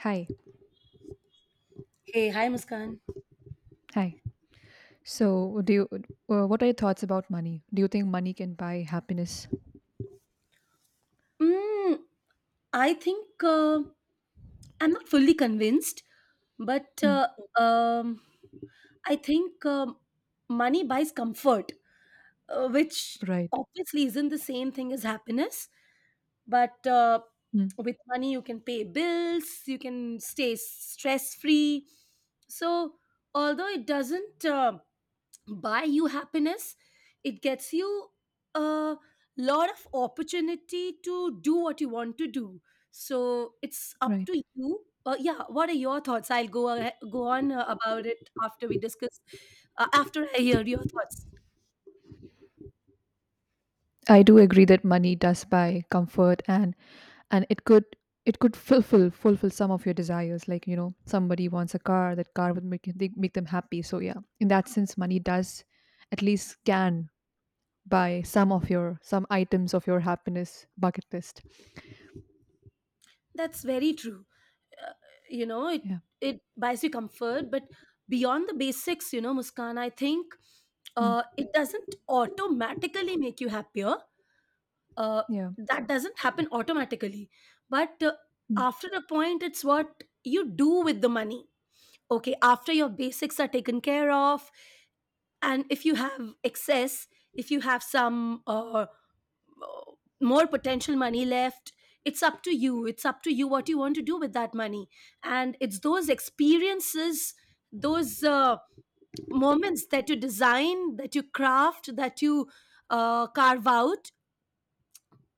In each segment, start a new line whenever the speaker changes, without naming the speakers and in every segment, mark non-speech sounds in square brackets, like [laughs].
Hi,
Hey, hi Muskan.
hi. So, do you? What are your thoughts about money? Do you think money can buy happiness?
Mm, I think I'm not fully convinced, but
Hmm,
uh, um, I think money buys comfort, which
right.
obviously isn't the same thing as happiness. But
Hmm,
with money, you can pay bills, you can stay stress free. So, although it doesn't buy you happiness, it gets you a lot of opportunity to do what you want to do, so it's up
right.
to you. Yeah, what are your thoughts? I'll go on about it after we discuss, after I hear your thoughts.
I do agree that money does buy comfort and it could fulfill some of your desires. Like you know, somebody wants a car. That car would make them happy. So yeah, in that sense, money does at least can buy some items of your happiness bucket list.
That's very true. Uh, you know it
Yeah.
it buys you comfort, but beyond the basics, you know, Muskan, I think
Hmm,
it doesn't automatically make you happier. uh,
yeah.
that doesn't happen automatically. But
Hmm,
after a point, it's what you do with the money. Okay, after your basics are taken care of and if you have excess, if you have some more potential money left, it's up to you what you want to do with that money. And it's those experiences, those moments that you design, that you craft, that you carve out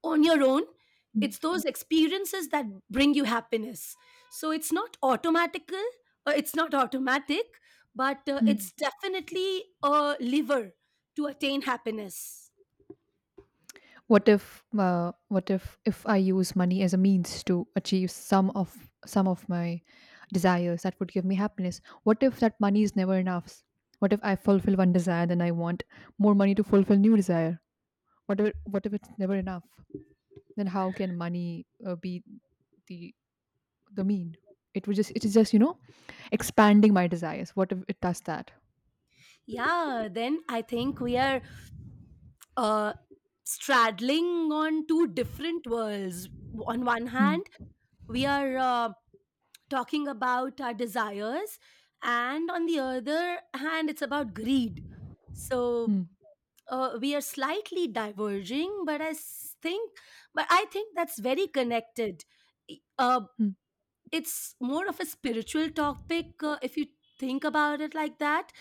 on your own.
hmm,
It's those experiences that bring you happiness. So it's not automatical, it's not automatic, but
hmm.
it's definitely a lever to attain happiness.
What if I use money as a means to achieve some of my desires that would give me happiness. What if that money is never enough? What if I fulfill one desire, then I want more money to fulfill new desire? What if it's never enough? Then how can money be the the mean? It is just expanding my desires. What if it does that?
Yeah, then I think we are uh, straddling on two different worlds. On one
Hmm,
hand we are talking about our desires, and on the other hand it's about greed. So
hmm,
we are slightly diverging, but I think, but I think that's very connected. I- uh,
hmm,
it's more of a spiritual topic, if you think about it like that.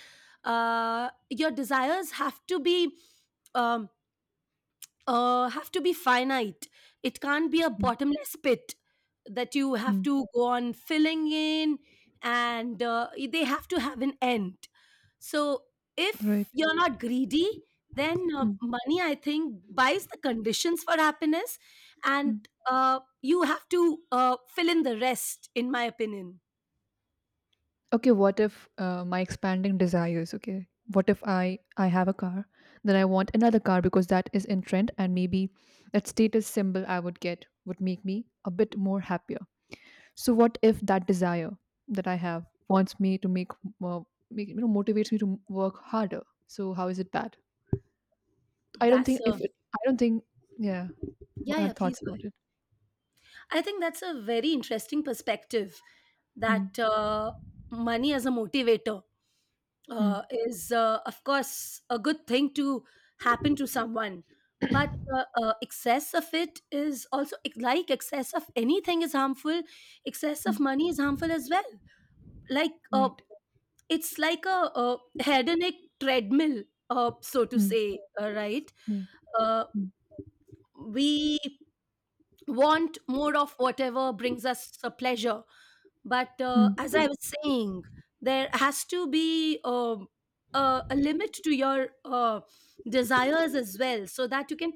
Your desires have to be, um, have to be finite. It can't be a
hmm,
bottomless pit that you have
hmm.
to go on filling in, and they have to have an end. So
Hmm, right.
if you're not greedy, then
Hmm,
money, I think, buys the conditions for happiness,
hmm.
and you have to fill in the rest, in my opinion.
Okay, what if my expanding desires. Okay, what if I have a car, then I want another car because that is in trend, and maybe that status symbol I would get would make me a bit more happier. So what if that desire that I have wants me to make more, make, you know, motivates me to work harder. So how is it bad? I don't
That's
think
a,
yeah. What
yeah,
are
yeah. Please
thoughts
go
about it?
ahead. I think that's a very interesting perspective,
Hmm.
that money as a motivator
Hmm.
is of course a good thing to happen to someone, but
[clears throat]
uh, uh, excess of it is also, like excess of anything is harmful. Excess
Hmm.
of money is harmful as well. Like
Right.
it's like a hedonic treadmill, so to
Hmm.
say, right?
Yeah.
uh,
Hmm.
we want more of whatever brings us a pleasure. But
Hmm.
as I was saying, there has to be a limit to your desires as well, so that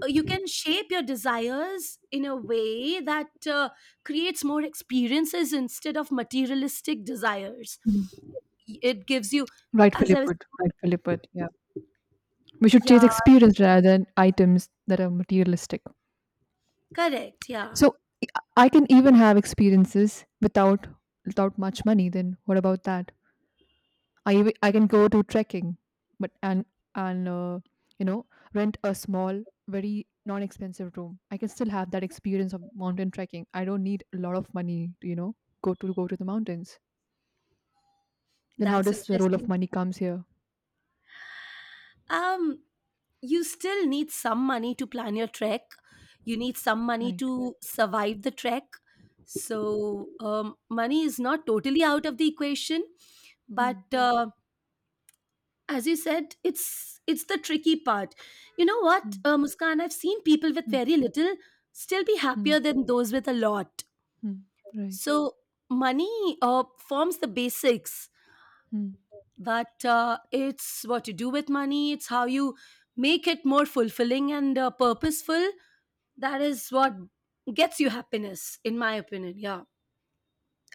you can shape your desires in a way that creates more experiences instead of materialistic desires.
Hmm.
It gives you, as
Rightfully
I was,
put, yeah. We should chase
yeah,
experience rather than items that are materialistic.
correct, yeah,
So I can even have experiences without without much money, then what about that? I can go to trekking, but and and uh, you know, rent a small very non-expensive room. I can still have that experience of mountain trekking. I don't need a lot of money to, you know, go to the mountains. Then how
that's
does the role of
interesting.
money comes here?
Um, you still need some money to plan your trek, you need some money
Right.
to survive the trek. So money is not totally out of the equation, but
Hmm.
uh, as you said, it's the tricky part. You know what,
Hmm.
Muskan, I've seen people with
Hmm.
very little still be
Hmm.
happier than those with a lot.
Hmm. Right.
So money forms the basics,
Hmm.
but it's what you do with money, it's how you make it more fulfilling and purposeful. That is what gets you happiness, in my opinion. Yeah.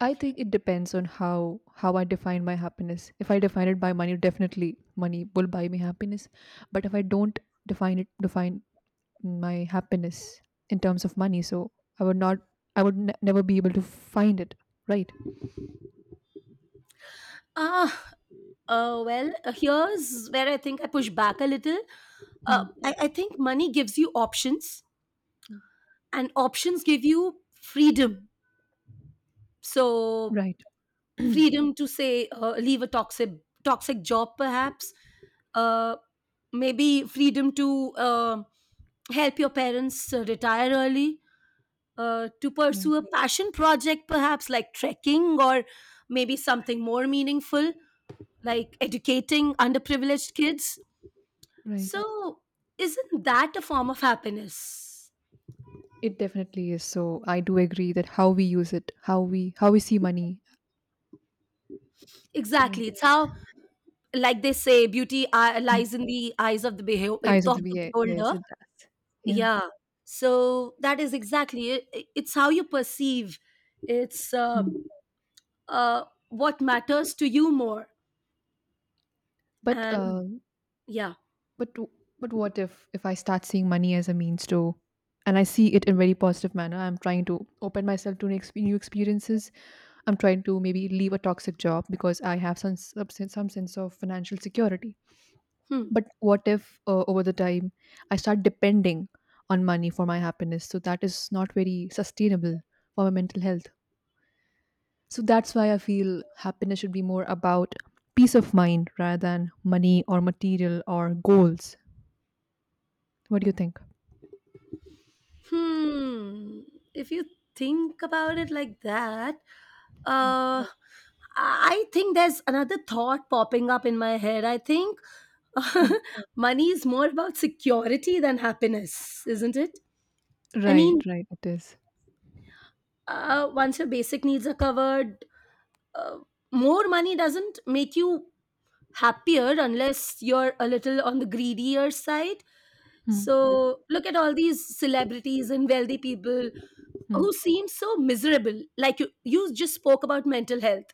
I think it depends on how I define my happiness. If I define it by money, definitely money will buy me happiness. But if I don't define my happiness in terms of money, so I would not never be able to find it. Right.
Ah, well, here's where I think I push back a little. uh,
Hmm.
I, I think money gives you options, and options give you freedom. So,
Right. [clears throat]
freedom to say, leave a toxic job perhaps, uh, maybe freedom to help your parents retire early, to
Right.
pursue a passion project, perhaps like trekking, or maybe something more meaningful, like educating underprivileged kids.
Right.
So, isn't that a form of happiness?
It definitely is. So I do agree that how we use it, how we see money.
Exactly.
Right.
It's how, like they say, beauty
Mm.
lies in the eyes of the, of
Eyes of the
the
VA. Yes,
beholder.
it does. Yeah.
Yeah. So, that is exactly it. It's how you perceive, it's
Hmm.
what matters to you more.
But
And yeah.
but but what if I start seeing money as a means to, and I see it in very positive manner. I'm trying to open myself to new experiences. I'm trying to maybe leave a toxic job because I have some sense of financial security.
Hmm.
But what if over the time I start depending on money for my happiness? So that is not very sustainable for my mental health. So that's why I feel happiness should be more about peace of mind rather than money or material or goals. What do you think?
Hmm. If you think about it like that, uh, I think there's another thought popping up in my head. I think
Hmm.
[laughs] money is more about security than happiness, isn't it? I
Right,
mean,
right, it is.
once your basic needs are covered, uh, more money doesn't make you happier unless you're a little on the greedier side.
Hmm,
So look at all these celebrities and wealthy people
hmm,
who seem so miserable. Like you just spoke about mental health.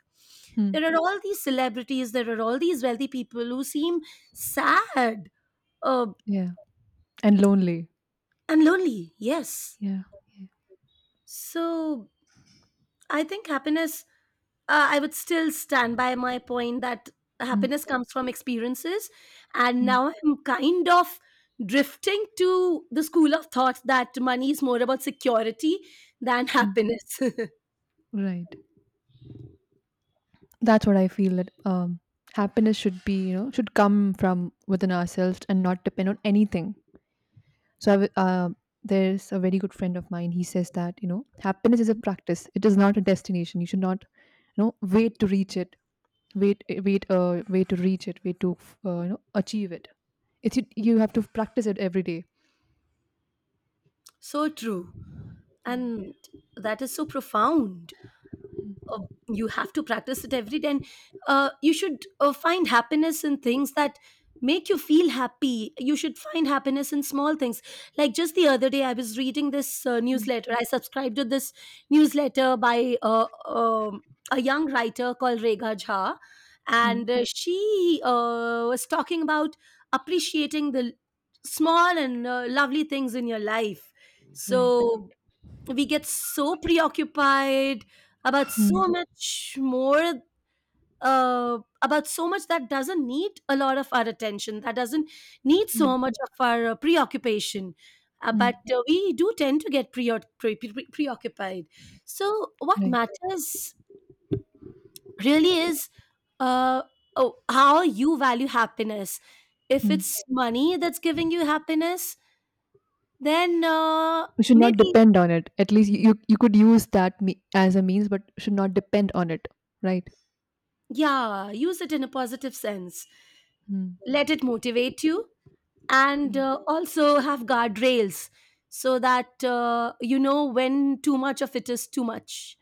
hmm.
There are all these celebrities, there are all these wealthy people who seem sad uh,
Yeah, and lonely.
and lonely. Yes.
Yeah, yeah.
So I think happiness, I would still stand by my point that
Hmm,
happiness comes from experiences. And
hmm,
now I'm kind of drifting to the school of thought that money is more about security than
hmm.
happiness.
Right. That's what I feel, that happiness should be, you know, should come from within ourselves and not depend on anything. So there's a very good friend of mine. He says that, you know, happiness is a
[laughs]
practice. It is not a destination. You should not, you know, wait to reach it. Wait to reach it. Wait to, you know, achieve it. It's you have to practice it every day.
So true.
Yeah.
And that is so profound. uh, you have to practice it every day, and you should find happiness in things that make you feel happy. You should find happiness in small things. Like just the other day I was reading this
Hmm,
newsletter, I subscribed to this newsletter by a young writer called Regha Jha,
hmm.
and she was talking about appreciating the small and lovely things in your life.
Right.
So we get so preoccupied about
Mm.
so much more, about so much that doesn't need a lot of our attention, that doesn't need
Yeah.
so much of our preoccupation. uh,
Mm.
but uh, we do tend to get preoccupied. So what
Right.
matters really is, uh, oh, how you value happiness. If
Mm.
it's money that's giving you happiness, then
We should not
maybe,
depend on it. At least you could use that as a means, but should not depend on it. Right.
yeah, use it in a positive sense.
Mm.
Let it motivate you, and
Mm.
also have guardrails, so that you know when too much of it is too much.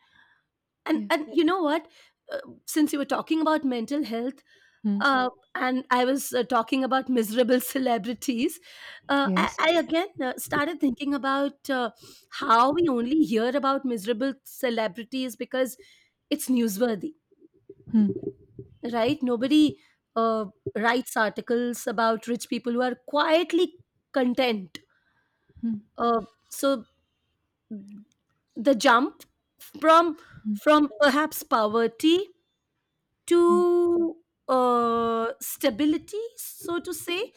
and
Yeah.
and you know what, uh, since you were talking about mental health,
Mm.
uh, and I was talking about miserable [laughs] celebrities, uh, I,
Yes.
I again started thinking about how we only hear about miserable celebrities because it's newsworthy,
Mm.
right? Nobody uh, writes articles about rich people who are quietly content.
Mm.
Uh, so the jump from
Mm.
from perhaps poverty
Mm.
to stability, so to say,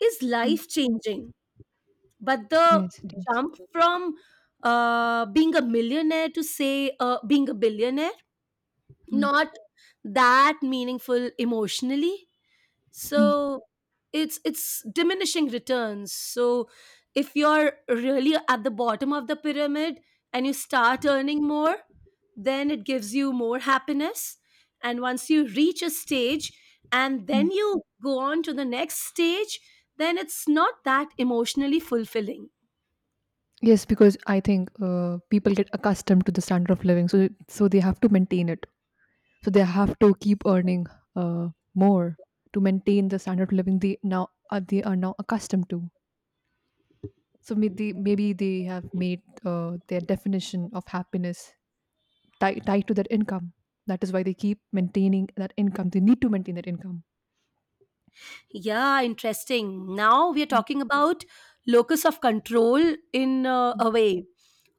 is
Mm.
life changing. But the
Yes, it is.
jump from being a millionaire to, say, being a billionaire,
Mm.
not that meaningful emotionally.
Mm.
So it's diminishing returns. So if you're really at the bottom of the pyramid and you start earning more, then it gives you more happiness. And once you reach a stage and then
Mm.
you go on to the next stage, then it's not that emotionally fulfilling.
Yes, because I think people get accustomed to the standard of living, so they have to maintain it. So they have to keep earning uh, more to maintain the standard of living they now are they are now accustomed to. So maybe they have made their definition of happiness tied to that income. That is why they keep maintaining that income. They need to maintain that income.
Yeah, interesting, now we are
Mm,
talking about locus of control, in a way.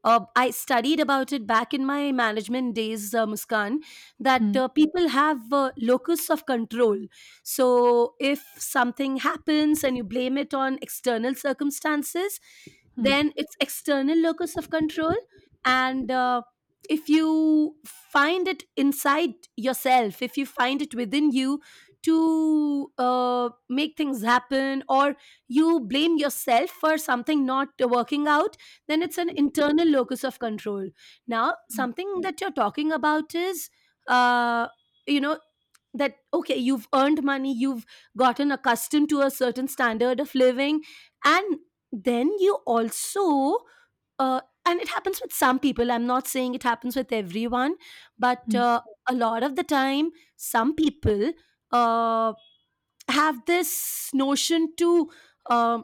I studied about it back in my management days, Muskan, that
mm,
people have locus of control. So if something happens and you blame it on external circumstances,
mm, mm,
then it's external locus of control. And if you find it inside yourself, if you find it within you to make things happen, or you blame yourself for something not working out, then it's an internal locus of control. Now,
mm,
something that you're talking about is, uh you know, that okay, you've earned money, you've gotten accustomed to a certain standard of living, and then you also, uh, and it happens with some people, I'm not saying it happens with everyone, but
mm,
uh, a lot of the time some people uh, have this notion to um,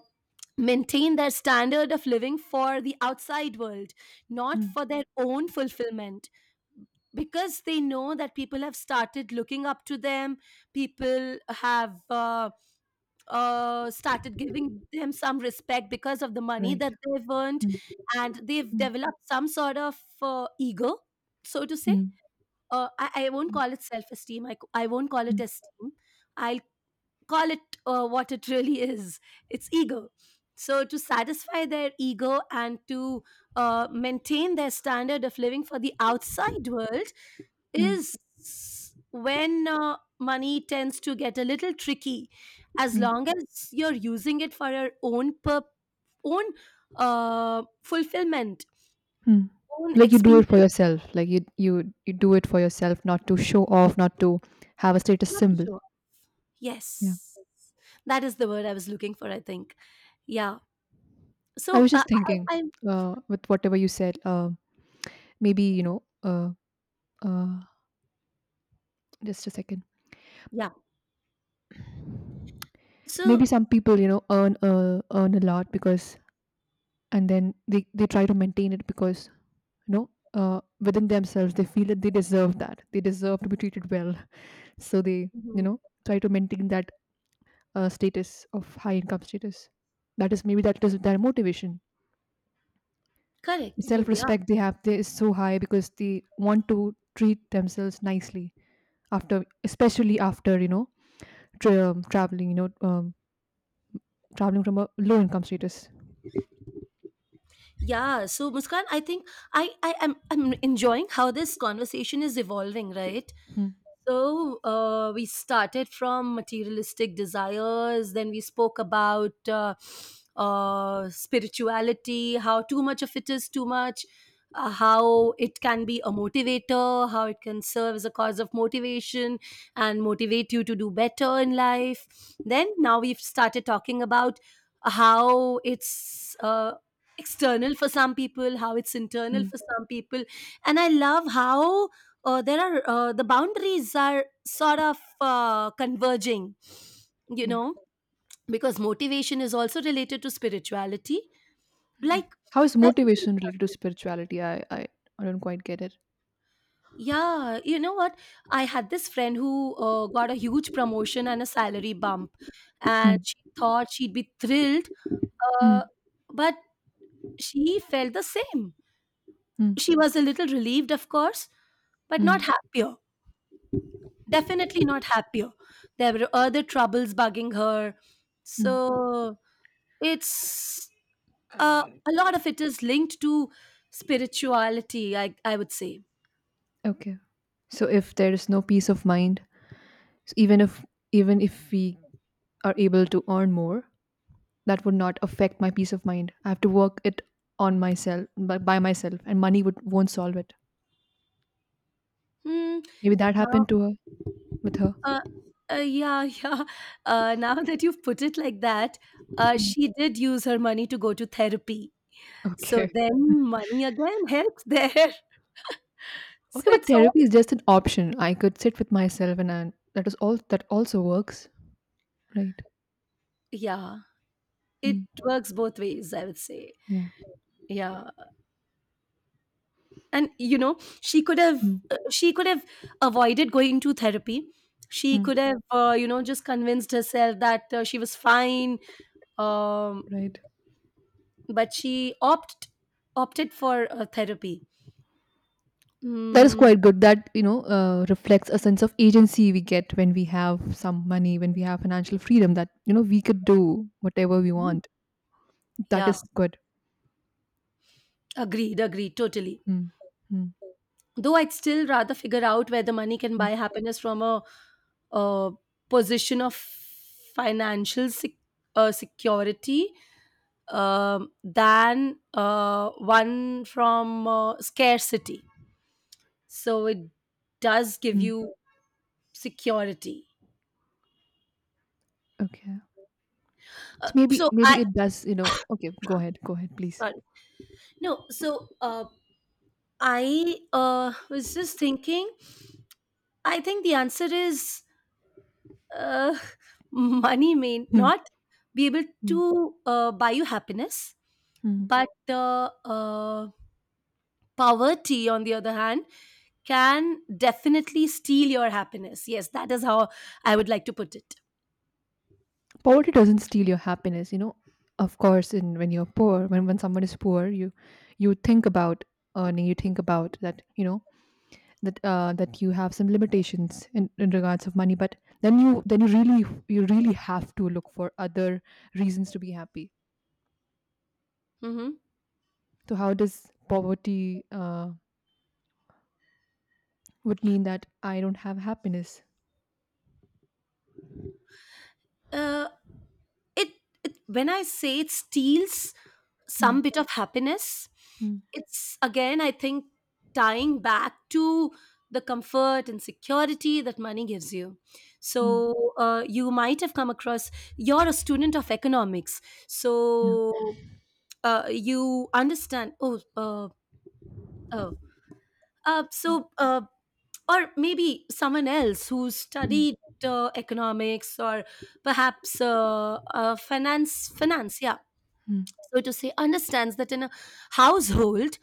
maintain their standard of living for the outside world, not
mm.
for their own fulfillment. Because they know that people have started looking up to them, people have started giving them some respect because of the money
Right.
that they've earned,
Mm,
and they've
mm,
developed some sort of ego, so to say.
mm,
I won't
mm,
call it self esteem, I won't call it
mm,
esteem. I'll call it what it really is, it's ego. So to satisfy their ego and to maintain their standard of living for the outside world
mm,
is when money tends to get a little tricky. As
mm,
long as you're using it for your own own fulfillment,
mm.
own
Like you do it for
experience,
yourself. Like you do it for yourself, not to show off, not to have a status
not to
symbol.
show,
Yeah.
yes, that is the word I was looking for, I think. Yeah.
I
So
was
uh,
just thinking
I, I, I
with whatever you said. Maybe you know. Uh, just a second.
yeah. So.
Maybe some people, you know, earn earn a lot because, and then they try to maintain it because you know. Within themselves they feel that they deserve to be treated well, so they, you
Mhm.
know, try to maintain that status of high income status. That is maybe that is their motivation.
Correct. Oh,
Self
yeah.
respect they have they is so high because they want to treat themselves nicely, after, especially after, you know, traveling, you know, traveling from a low income status.
Yeah. So, Muskan, I think I'm enjoying how this conversation is evolving, right?
Hmm,
So we started from materialistic desires, then we spoke about spirituality, how too much of it is too much, how it can be a motivator, how it can serve as a cause of motivation and motivate you to do better in life. Then now we've started talking about how it's external for some people, how it's internal
hmm,
for some people, and I love how there are the boundaries are sort of converging, you
yeah.
know because motivation is also related to spirituality, like
How is
like,
motivation related to spirituality? I don't quite get it.
yeah, you know what? I had this friend who got a huge promotion and a salary bump, and
Hmm,
she thought she'd be thrilled.
hmm,
uh, but she felt the same.
hmm,
She was a little relieved, of course, but not
hmm,
happier. Definitely not happier. There were other troubles bugging her.
hmm.
So it's, a lot of it is linked to spirituality, I would say.
Okay. So if there is no peace of mind, even if we are able to earn more, that would not affect my peace of mind. I have to work it on myself by myself, and money would won't solve it.
Hmm.
Maybe that
Now,
happened to her with her.
uh, yeah, [laughs] yeah. Now that you've put it like that,
Hmm.
she did use her money to go to therapy. So
Okay.
then money again helps there. [laughs]
Okay,
So
but
it's all.
therapy is just an option. I could sit with myself, and I, that is all. That also works, right?
Yeah, it
Hmm.
works both ways, I would say.
Yeah.
Yeah. And she could have,
Mm,
she could have avoided going to therapy. She could
mm.
have, just convinced herself that she was fine. um,
Right.
but she opted for therapy.
That is
Mm,
quite good. That, you know, reflects a sense of agency we get when we have some money, when we have financial freedom. That, you know, we could do whatever we want. That
yeah,
is good.
agreed, agreed totally.
Mm, mm,
Though I'd still rather figure out whether money can
mm,
buy happiness from a, uh position of financial security, than one from scarcity. So it does give
mm.
you security.
Okay. So maybe
So
maybe
I
it does. You know. Okay. Go ahead. Go ahead, please.
Sorry. No. So I was just thinking. I think the answer is uh, [laughs] money may
Mm,
not be able
mm,
to buy you happiness,
mm.
but poverty, on the other hand, can definitely steal your happiness. Yes, that is how I would like to put it.
Poverty doesn't steal your happiness. You know. Of course, in when you're poor, when someone is poor, you think about earning. You think about that. You know that that you have some limitations in regards of money, but then you really have to look for other reasons to be happy.
Mm-hmm.
So how does poverty would mean that I don't have happiness?
Uh, it, it, when I say it steals
Hmm,
some bit of happiness,
hmm,
it's again, I think, tying back to the comfort and security that money gives you.
hmm,
So you might have come across, you're a student of economics,
yeah,
so you understand. Oh uh, uh,
hmm,
so uh, or maybe someone else who
hmm,
studied economics or perhaps finance, yeah,
hmm.
so to say, understands that in a household.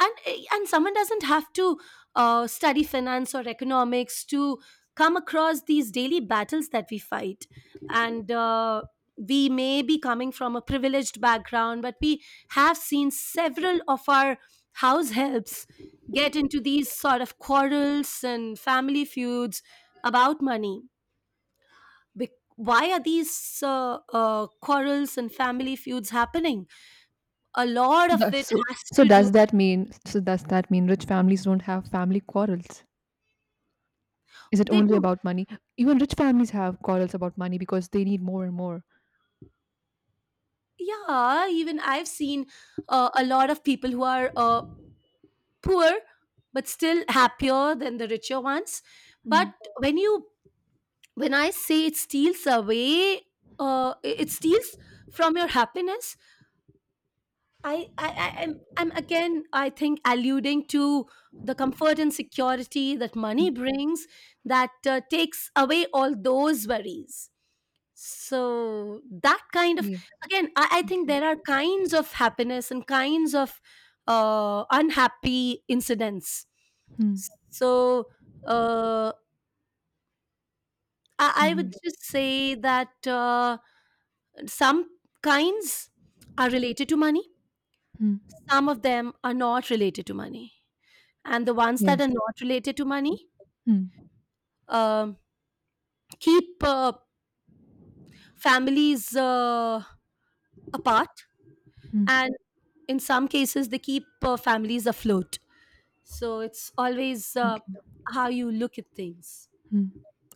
And someone doesn't have to study finance or economics to come across these daily battles that we fight. And we may be coming from a privileged background, but we have seen several of our house helps get into these sort of quarrels and family feuds about money. Why are these quarrels and family feuds happening? A lot of
That-
it
so
has to do.
so does that mean rich families don't have family quarrels? Is it
They
only
do.
about money? Even rich families have quarrels about money because they need more and more.
Yeah, even I've seen a lot of people who are poor but still happier than the richer ones.
Hmm,
But when you, when I say it steals away, it steals from your happiness. I'm again, I think, alluding to the comfort and security that money
hmm,
brings, that takes away all those worries. So that kind of,
yeah,
again, I think
okay.
there are kinds of happiness and kinds of unhappy incidents.
Hmm,
So uh, I
yeah.
would just say that some kinds are related to money.
Hmm.
Some of them are not related to money, and the ones that
Yes.
are not related to money
Hmm.
um keep families apart,
Hmm.
and in some cases they keep families afloat. So it's always
Okay.
how you look at things.
Hmm.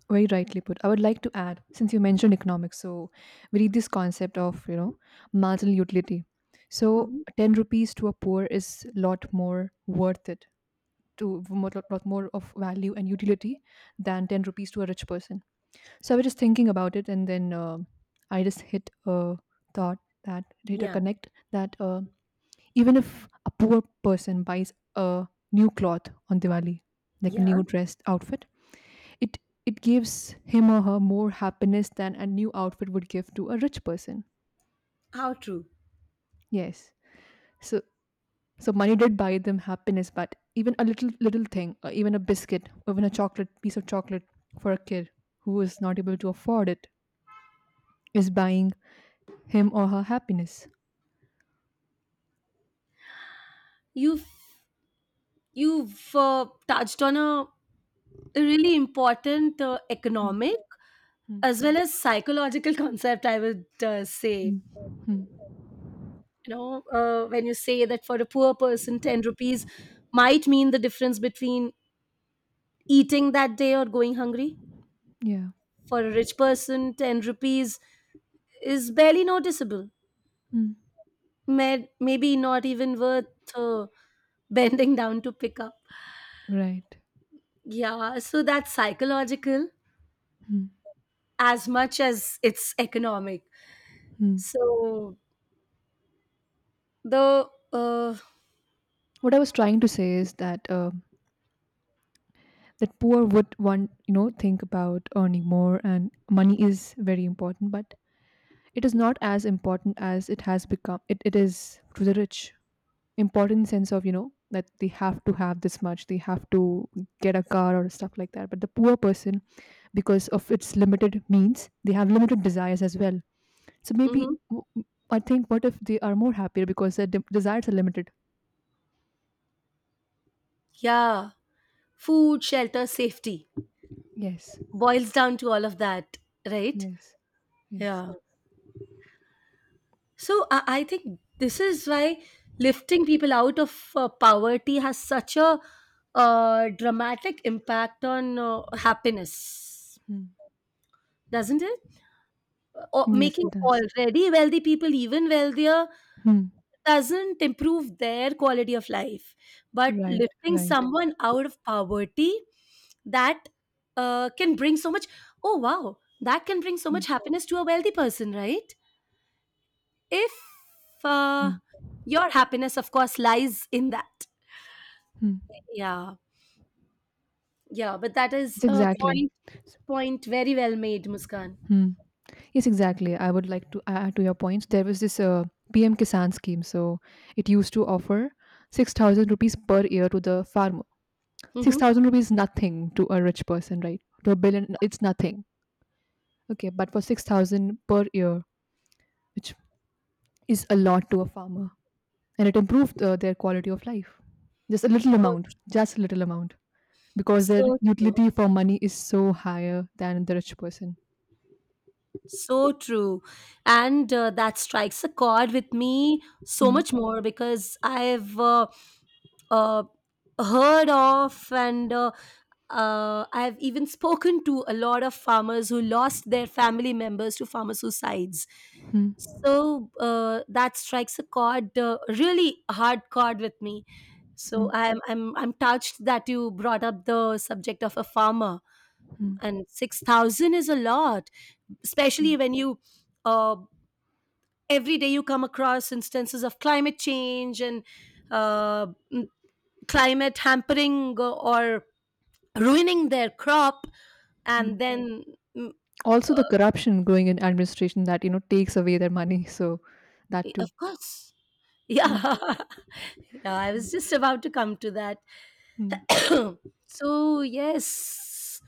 Very rightly put. I would like to add, since you mentioned economics, so we read this concept of, you know, marginal utility. So
Hmm.
ten rupees to a poor is lot more worth it, to lot, lot more of value and utility, than ten rupees to a rich person. So I was just thinking about it, and then I just thought hit a
Yeah,
connect that even if a poor person buys a new cloth on Diwali, like a
yeah.
new dressed outfit. It gives him or her more happiness than a new outfit would give to a rich person.
How true.
Yes. So money did buy them happiness, but even a little little thing, or even a biscuit, or even a chocolate, piece of chocolate for a kid who is not able to afford it, is buying him or her happiness.
You've you've touched on a really important
Mm,
economic
mm,
as well as psychological [laughs] concept, I would say.
mm, mm.
You know, when you say that for a poor person, 10 rupees might mean the difference between eating that day or going hungry.
Yeah.
For a rich person, 10 rupees is barely noticeable.
Mm.
Maybe not even worth uh, bending [laughs] down to pick up.
Right.
Yeah, so that's psychological
Mm,
as much as it's economic.
mm.
So the
What I was trying to say is that that poor would want, you know, think about earning more, and money is very important, but it is not as important as it has become it, it is to the rich. Important sense of, you know, that they have to have this much, they have to get a car or stuff like that, but the poor person, because of its limited means, they have limited desires as well. So maybe
mhm,
w- I think, what if they are more happier because their desires are limited?
yeah, food, shelter, safety
Yes.
boils down to all of that, right?
Yes. Yes.
Yeah. So I think this is why lifting people out of poverty has such a dramatic impact on happiness,
Hmm.
doesn't it? Or
Yes,
making
it does.
already wealthy people even wealthier
Hmm.
doesn't improve their quality of life, but
Right.
lifting
Right.
someone out of poverty, that can bring so much. Oh wow, that can bring so
Yeah.
much happiness to a wealthy person, right? If uh,
Hmm.
your happiness of course lies in that.
Hmm.
Yeah. Yeah, but that
It's
is a
exactly.
point very well made, Muskan.
Hmm. Yes, exactly. I would like to add to your points. There was this PM Kisan scheme. So it used to offer 6,000 rupees per year to the farmer.
Mm-hmm.
6,000 rupees nothing to a rich person, right? To a billion, it's nothing. Okay, but for 6,000 per year, which is a lot to a farmer, and it improved their quality of life. Just a little
so
amount, just a little amount, because their
so true.
utility for money is so higher than the rich person.
So true. And that strikes a chord with me so
Hmm,
much more because I've uh, heard of and I've even spoken to a lot of farmers who lost their family members to farmer suicides.
hmm,
So that strikes a chord, really hard chord with me.
hmm,
So I'm touched that you brought up the subject of a farmer,
hmm,
and 6,000 is a lot, especially
right.
when you, uh, every day you come across instances of climate change and uh, m- climate hampering or ruining their crop,
Hmm.
and then mm,
Also the corruption growing in administration that, you know, takes away their money, so that too.
of course,
Yeah.
yeah. [laughs] Yeah, I was just about to come to that.
Mm,
[clears throat] So yes,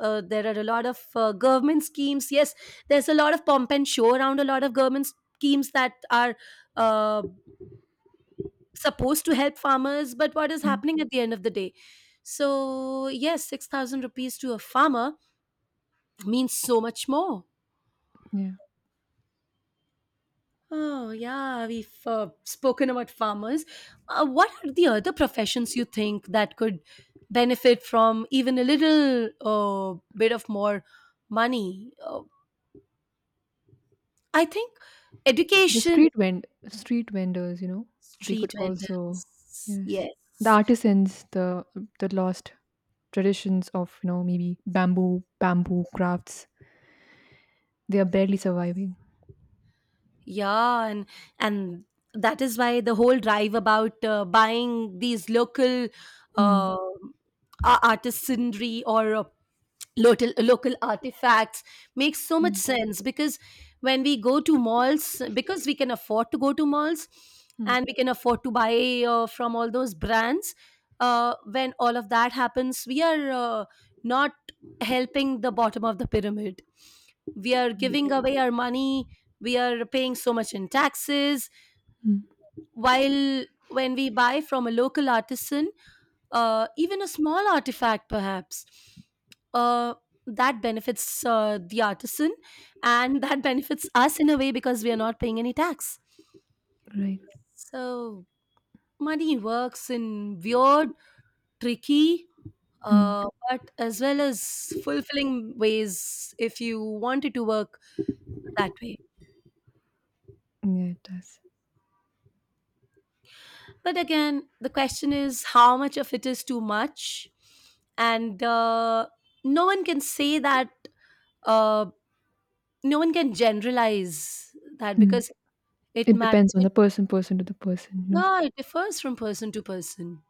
there are a lot of government schemes. Yes, there's a lot of pomp and show around a lot of government schemes that are uh, supposed to help farmers, but what is
mm,
happening at the end of the day? So, yes, 6,000 rupees to a farmer means so much more.
yeah.
Oh, yeah, we've spoken about farmers. What are the other professions you think that could benefit from even a little bit of more money? I think
The
education,
street vendors, you know, they could
street
also,
vendors,
yes.
yes.
The artisans, the lost traditions of, you know, maybe bamboo crafts, they are barely surviving.
Yeah, and and that is why the whole drive about buying these local
Mm,
uh, artisanry or local artifacts makes so
yeah.
much sense because when we go to malls, because we can afford to go to malls
Mm,
and we can afford to buy from all those brands, when all of that happens, we are not helping the bottom of the pyramid. We are giving
right.
away our money. We are paying so much in taxes,
Mm,
while when we buy from a local artisan, even a small artifact perhaps, uh, that benefits the artisan, and [laughs] that benefits us in a way because we are not paying any tax.
right.
So money works in weird, tricky,
Mm,
uh, but as well as fulfilling ways if you wanted to work that way.
yeah, it does.
But again, the question is, how much of it is too much? And no one can say that. uh, no one can generalize that,
Mm.
because it
It
matters.
depends on the person, person to the person, you know.
Yeah, it differs from person to person.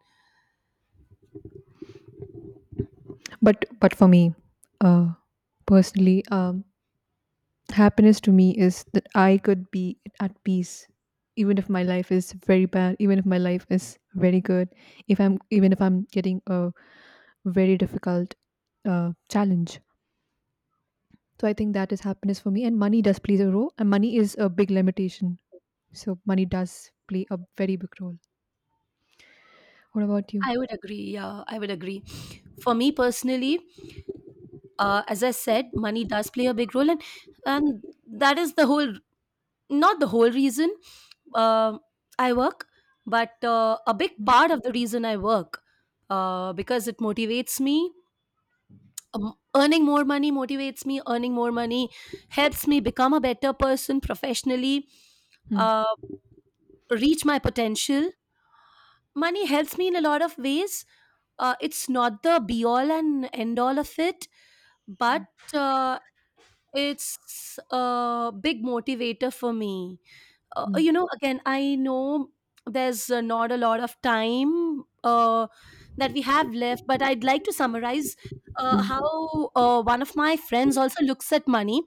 But for me, uh, personally, happiness to me is that I could be at peace, even if my life is very bad, even if my life is very good, if I'm even if I'm getting a very difficult challenge. So I think that is happiness for me, and money does play a role, and money is a big limitation. So money does play a very big role. What about you?
I would agree. Yeah, I would agree. For me personally, as I said, money does play a big role, and and that is the whole, not the whole reason uh, I work, but a big
Hmm.
part of the reason I work, because it motivates me. Earning more money motivates me. Earning more money helps me become a better person professionally,
Hmm.
uh, reach my potential. Money helps me in a lot of ways. It's not the be all and end all of it, but uh, it's a big motivator for me.
Hmm.
You know, again, I know there's not a lot of time that we have left, but I'd like to summarize
Hmm.
how one of my friends also looks at money.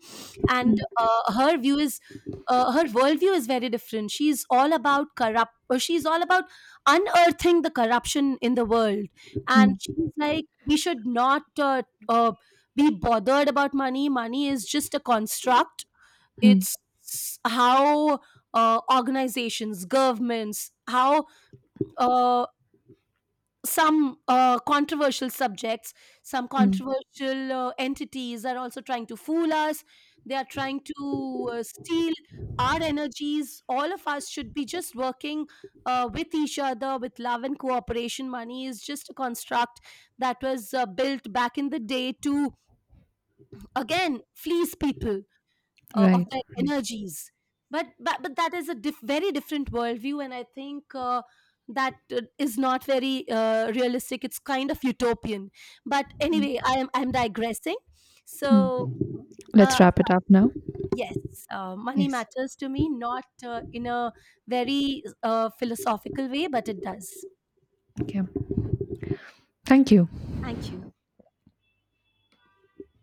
And her view is, her worldview is very different. She's all about corrupt she's all about unearthing the corruption in the world.
Hmm.
And she's like, we should not uh, be bothered about money. Money is just a construct.
Hmm.
It's how organizations, governments, how uh, some controversial subjects, some
Hmm.
controversial entities are also trying to fool us. They are trying to steal our energies. All of us should be just working with each other with love and cooperation. Money is just a construct that was built back in the day to again fleece people of
Right.
their energies. But that is a very different worldview, and I think that is not very realistic. It's kind of utopian. But anyway, I'm digressing.
Mm.
So
Let's
uh,
wrap it up now.
yes, money
Yes.
matters to me, not in a very philosophical way, but it does.
Okay. Thank you.
Thank you.